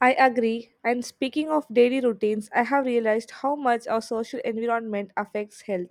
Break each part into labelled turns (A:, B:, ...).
A: I agree. And speaking of daily routines, I have realized how much our social environment affects health.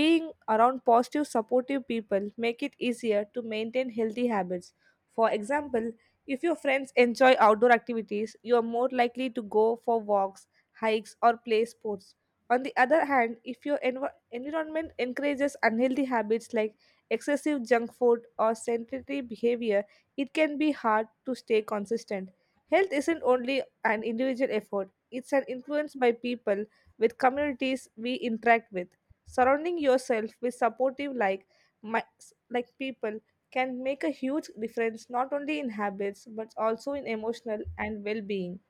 A: Being around positive, supportive people make it easier to maintain healthy habits. For example, if your friends enjoy outdoor activities, you are more likely to go for walks, hikes, or play sports. On the other hand, if your environment encourages unhealthy habits like excessive junk food or sedentary behavior, it can be hard to stay consistent. Health isn't only an individual effort, it's an influence by people with communities we interact with. Surrounding yourself with supportive like mi- like people can make a huge difference not only in habits but also in emotional and well-being.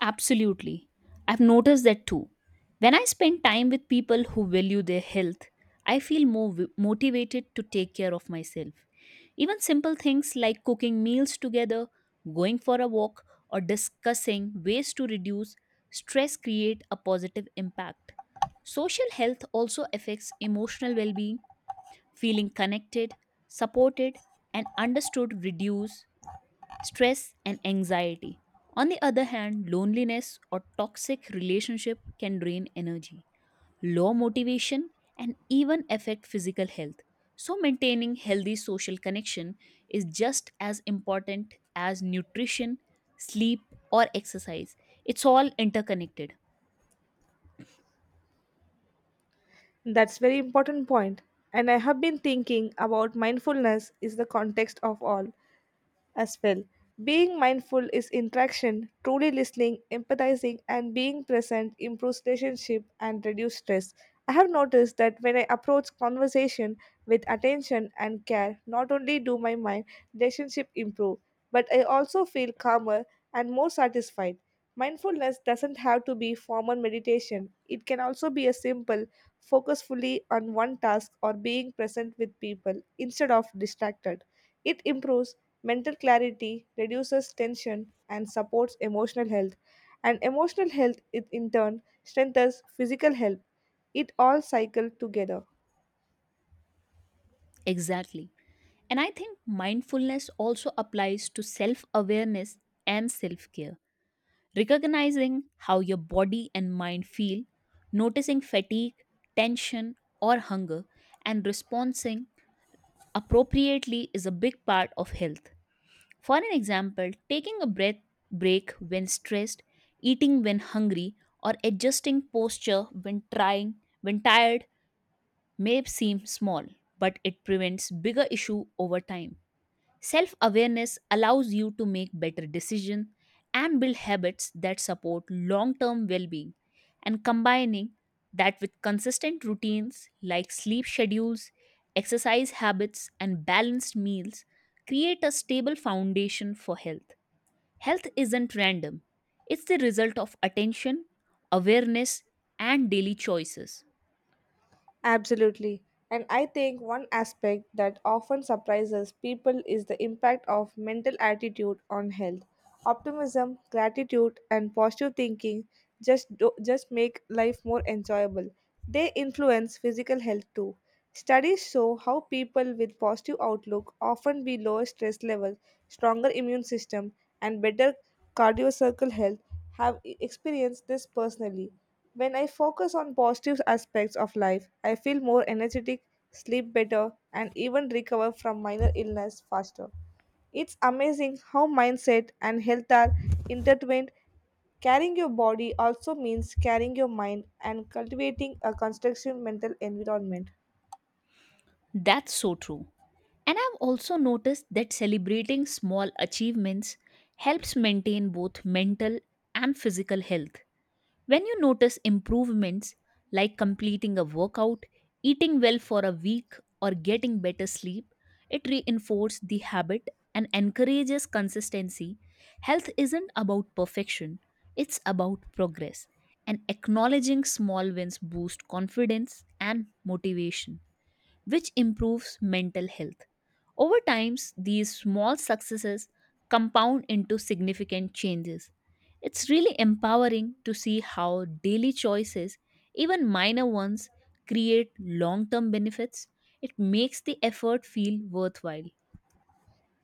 B: Absolutely. I've noticed that too. When I spend time with people who value their health, I feel more motivated to take care of myself. Even simple things like cooking meals together, going for a walk, or discussing ways to reduce stress create a positive impact. Social health also affects emotional well being. Feeling connected, supported, and understood reduce stress and anxiety. On the other hand, loneliness or toxic relationship can drain energy, low motivation and even affect physical health. So maintaining healthy social connection is just as important as nutrition, sleep or exercise. It's all interconnected.
A: That's very important point. And I have been thinking about mindfulness is the context of all. As well. Being mindful is interaction, truly listening, empathizing, and being present improves relationship and reduce stress. I have noticed that when I approach conversation with attention and care, not only do my mind relationship improve, but I also feel calmer and more satisfied. Mindfulness doesn't have to be formal meditation. It can also be a simple focus fully on one task or being present with people instead of distracted. It improves mental clarity reduces tension and supports emotional health, and emotional health it in turn strengthens physical health. It all cycles together.
B: Exactly. And I think mindfulness also applies to self-awareness and self-care. Recognizing how your body and mind feel, noticing fatigue, tension, or hunger, and responding appropriately is a big part of health. For an example, taking a breath break when stressed, eating when hungry, or adjusting posture when trying when tired may seem small, but it prevents bigger issue over time. Self awareness allows you to make better decisions and build habits that support long term well being. And combining that with consistent routines like sleep schedules, exercise habits, and balanced meals create a stable foundation for health. Health isn't random, it's the result of attention, awareness, and daily choices.
A: Absolutely. And I think one aspect that often surprises people is the impact of mental attitude on health. Optimism, gratitude, and positive thinking just make life more enjoyable. They influence physical health too. Studies show how people with positive outlook often be lower stress levels, stronger immune system, and better cardiovascular health have experienced this personally. When I focus on positive aspects of life, I feel more energetic, sleep better, and even recover from minor illness faster. It's amazing how mindset and health are intertwined. Carrying your body also means carrying your mind and cultivating a constructive mental environment.
B: That's so true. And I've also noticed that celebrating small achievements helps maintain both mental and physical health. When you notice improvements like completing a workout, eating well for a week, or getting better sleep, it reinforces the habit and encourages consistency. Health isn't about perfection, it's about progress. And acknowledging small wins boosts confidence and motivation which improves mental health. Over time, these small successes compound into significant changes. It's really empowering to see how daily choices, even minor ones, create long term benefits. It makes the effort feel worthwhile.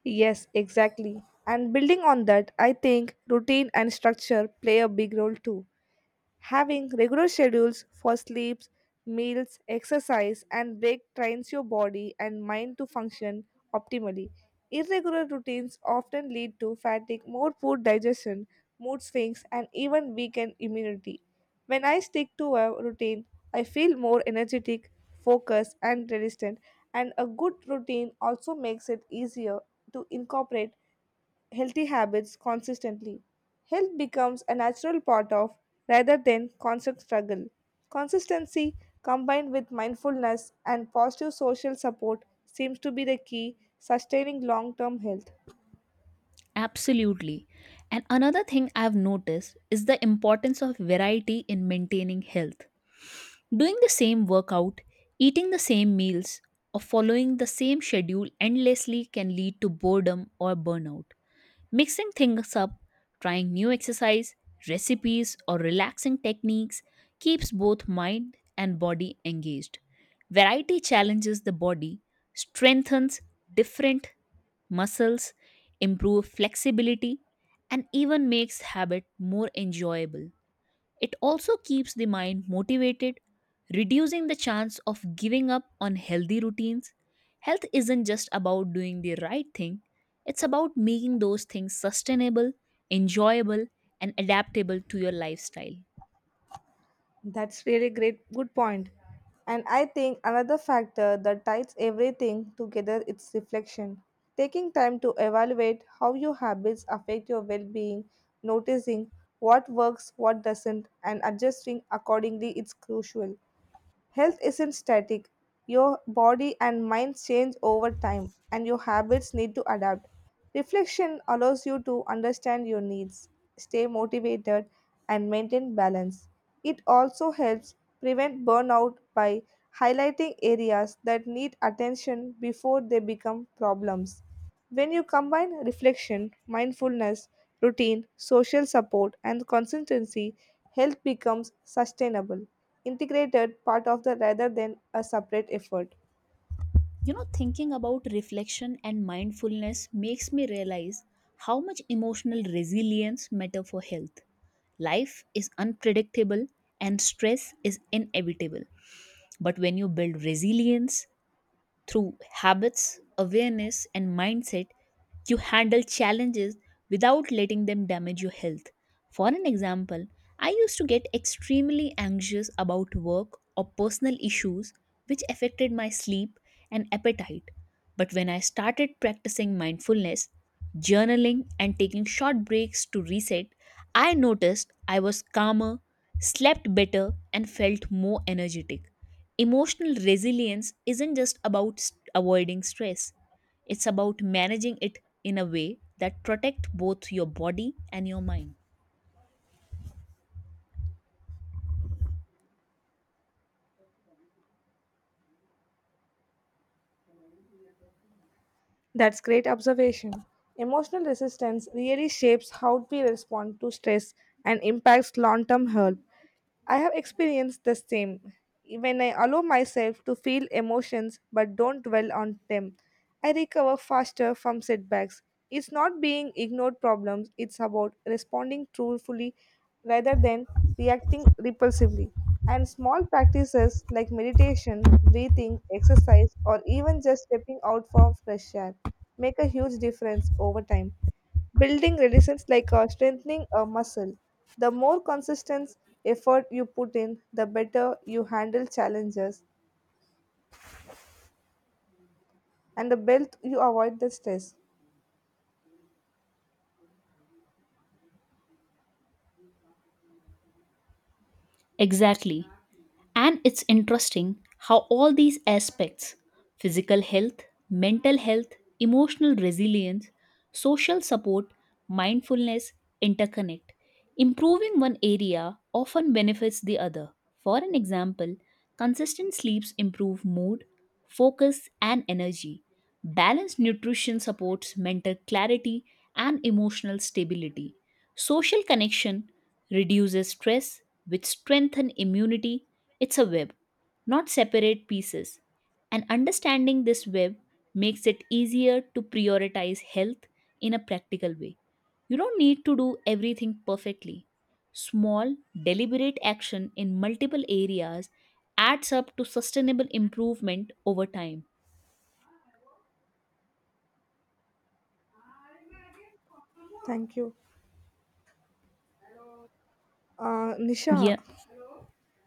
A: Yes, exactly. And building on that, I think routine and structure play a big role too. Having regular schedules for sleeps, meals, exercise, and break trains your body and mind to function optimally. Irregular routines often lead to fatigue, more poor digestion, mood swings, and even weakened immunity. When I stick to a routine, I feel more energetic, focused, and resistant. And a good routine also makes it easier to incorporate healthy habits consistently. Health becomes a natural part of rather than constant struggle. Consistency combined with mindfulness and positive social support seems to be the key sustaining long-term health.
B: Absolutely. And another thing I've noticed is the importance of variety in maintaining health. Doing the same workout, eating the same meals, or following the same schedule endlessly can lead to boredom or burnout. Mixing things up, trying new exercise, recipes, or relaxing techniques keeps both mind and body engaged. Variety challenges the body, strengthens different muscles, improves flexibility, and even makes habit more enjoyable. It also keeps the mind motivated, reducing the chance of giving up on healthy routines. Health isn't just about doing the right thing, it's about making those things sustainable, enjoyable, and adaptable to your lifestyle.
A: That's really great, good point. And I think another factor that ties everything together is reflection. Taking time to evaluate how your habits affect your well being, noticing what works, what doesn't, and adjusting accordingly is crucial. Health isn't static. Your body and mind change over time, and your habits need to adapt. Reflection allows you to understand your needs, stay motivated, and maintain balance. It also helps prevent burnout by highlighting areas that need attention before they become problems. When you combine reflection, mindfulness, routine, social support, and consistency, health becomes sustainable integrated part of the rather than a separate effort.
B: You know, thinking about reflection and mindfulness makes me realize how much emotional resilience matter for health. Life is unpredictable and stress is inevitable. But when you build resilience, through habits, awareness, and mindset, you handle challenges without letting them damage your health. For an example, I used to get extremely anxious about work or personal issues, which affected my sleep and appetite. But when I started practicing mindfulness, journaling, and taking short breaks to reset, I noticed I was calmer, slept better, and felt more energetic. Emotional resilience isn't just about avoiding stress, it's about managing it in a way that protect both your body and your mind.
A: That's great observation. Emotional resistance really shapes how we respond to stress and impacts long term health. I have experienced the same. When I allow myself to feel emotions but don't dwell on them, I recover faster from setbacks. It's not being ignored problems, it's about responding truthfully rather than reacting repulsively. And small practices like meditation, breathing, exercise, or even just stepping out for fresh air make a huge difference over time building resilience like strengthening a muscle. The more consistent effort you put in, the better you handle challenges and the better you avoid the stress.
B: Exactly. And it's interesting how all these aspects, physical health, mental health, emotional resilience, social support, mindfulness interconnect. Improving one area often benefits the other. For an example, consistent sleeps improve mood, focus, and energy. Balanced nutrition supports mental clarity and emotional stability. Social connection reduces stress which strengthen immunity. It's a web, not separate pieces. And understanding this web makes it easier to prioritize health in a practical way. You don't need to do everything perfectly. Small, deliberate action in multiple areas adds up to sustainable improvement over time.
A: Thank you. Nisha,
B: Yeah,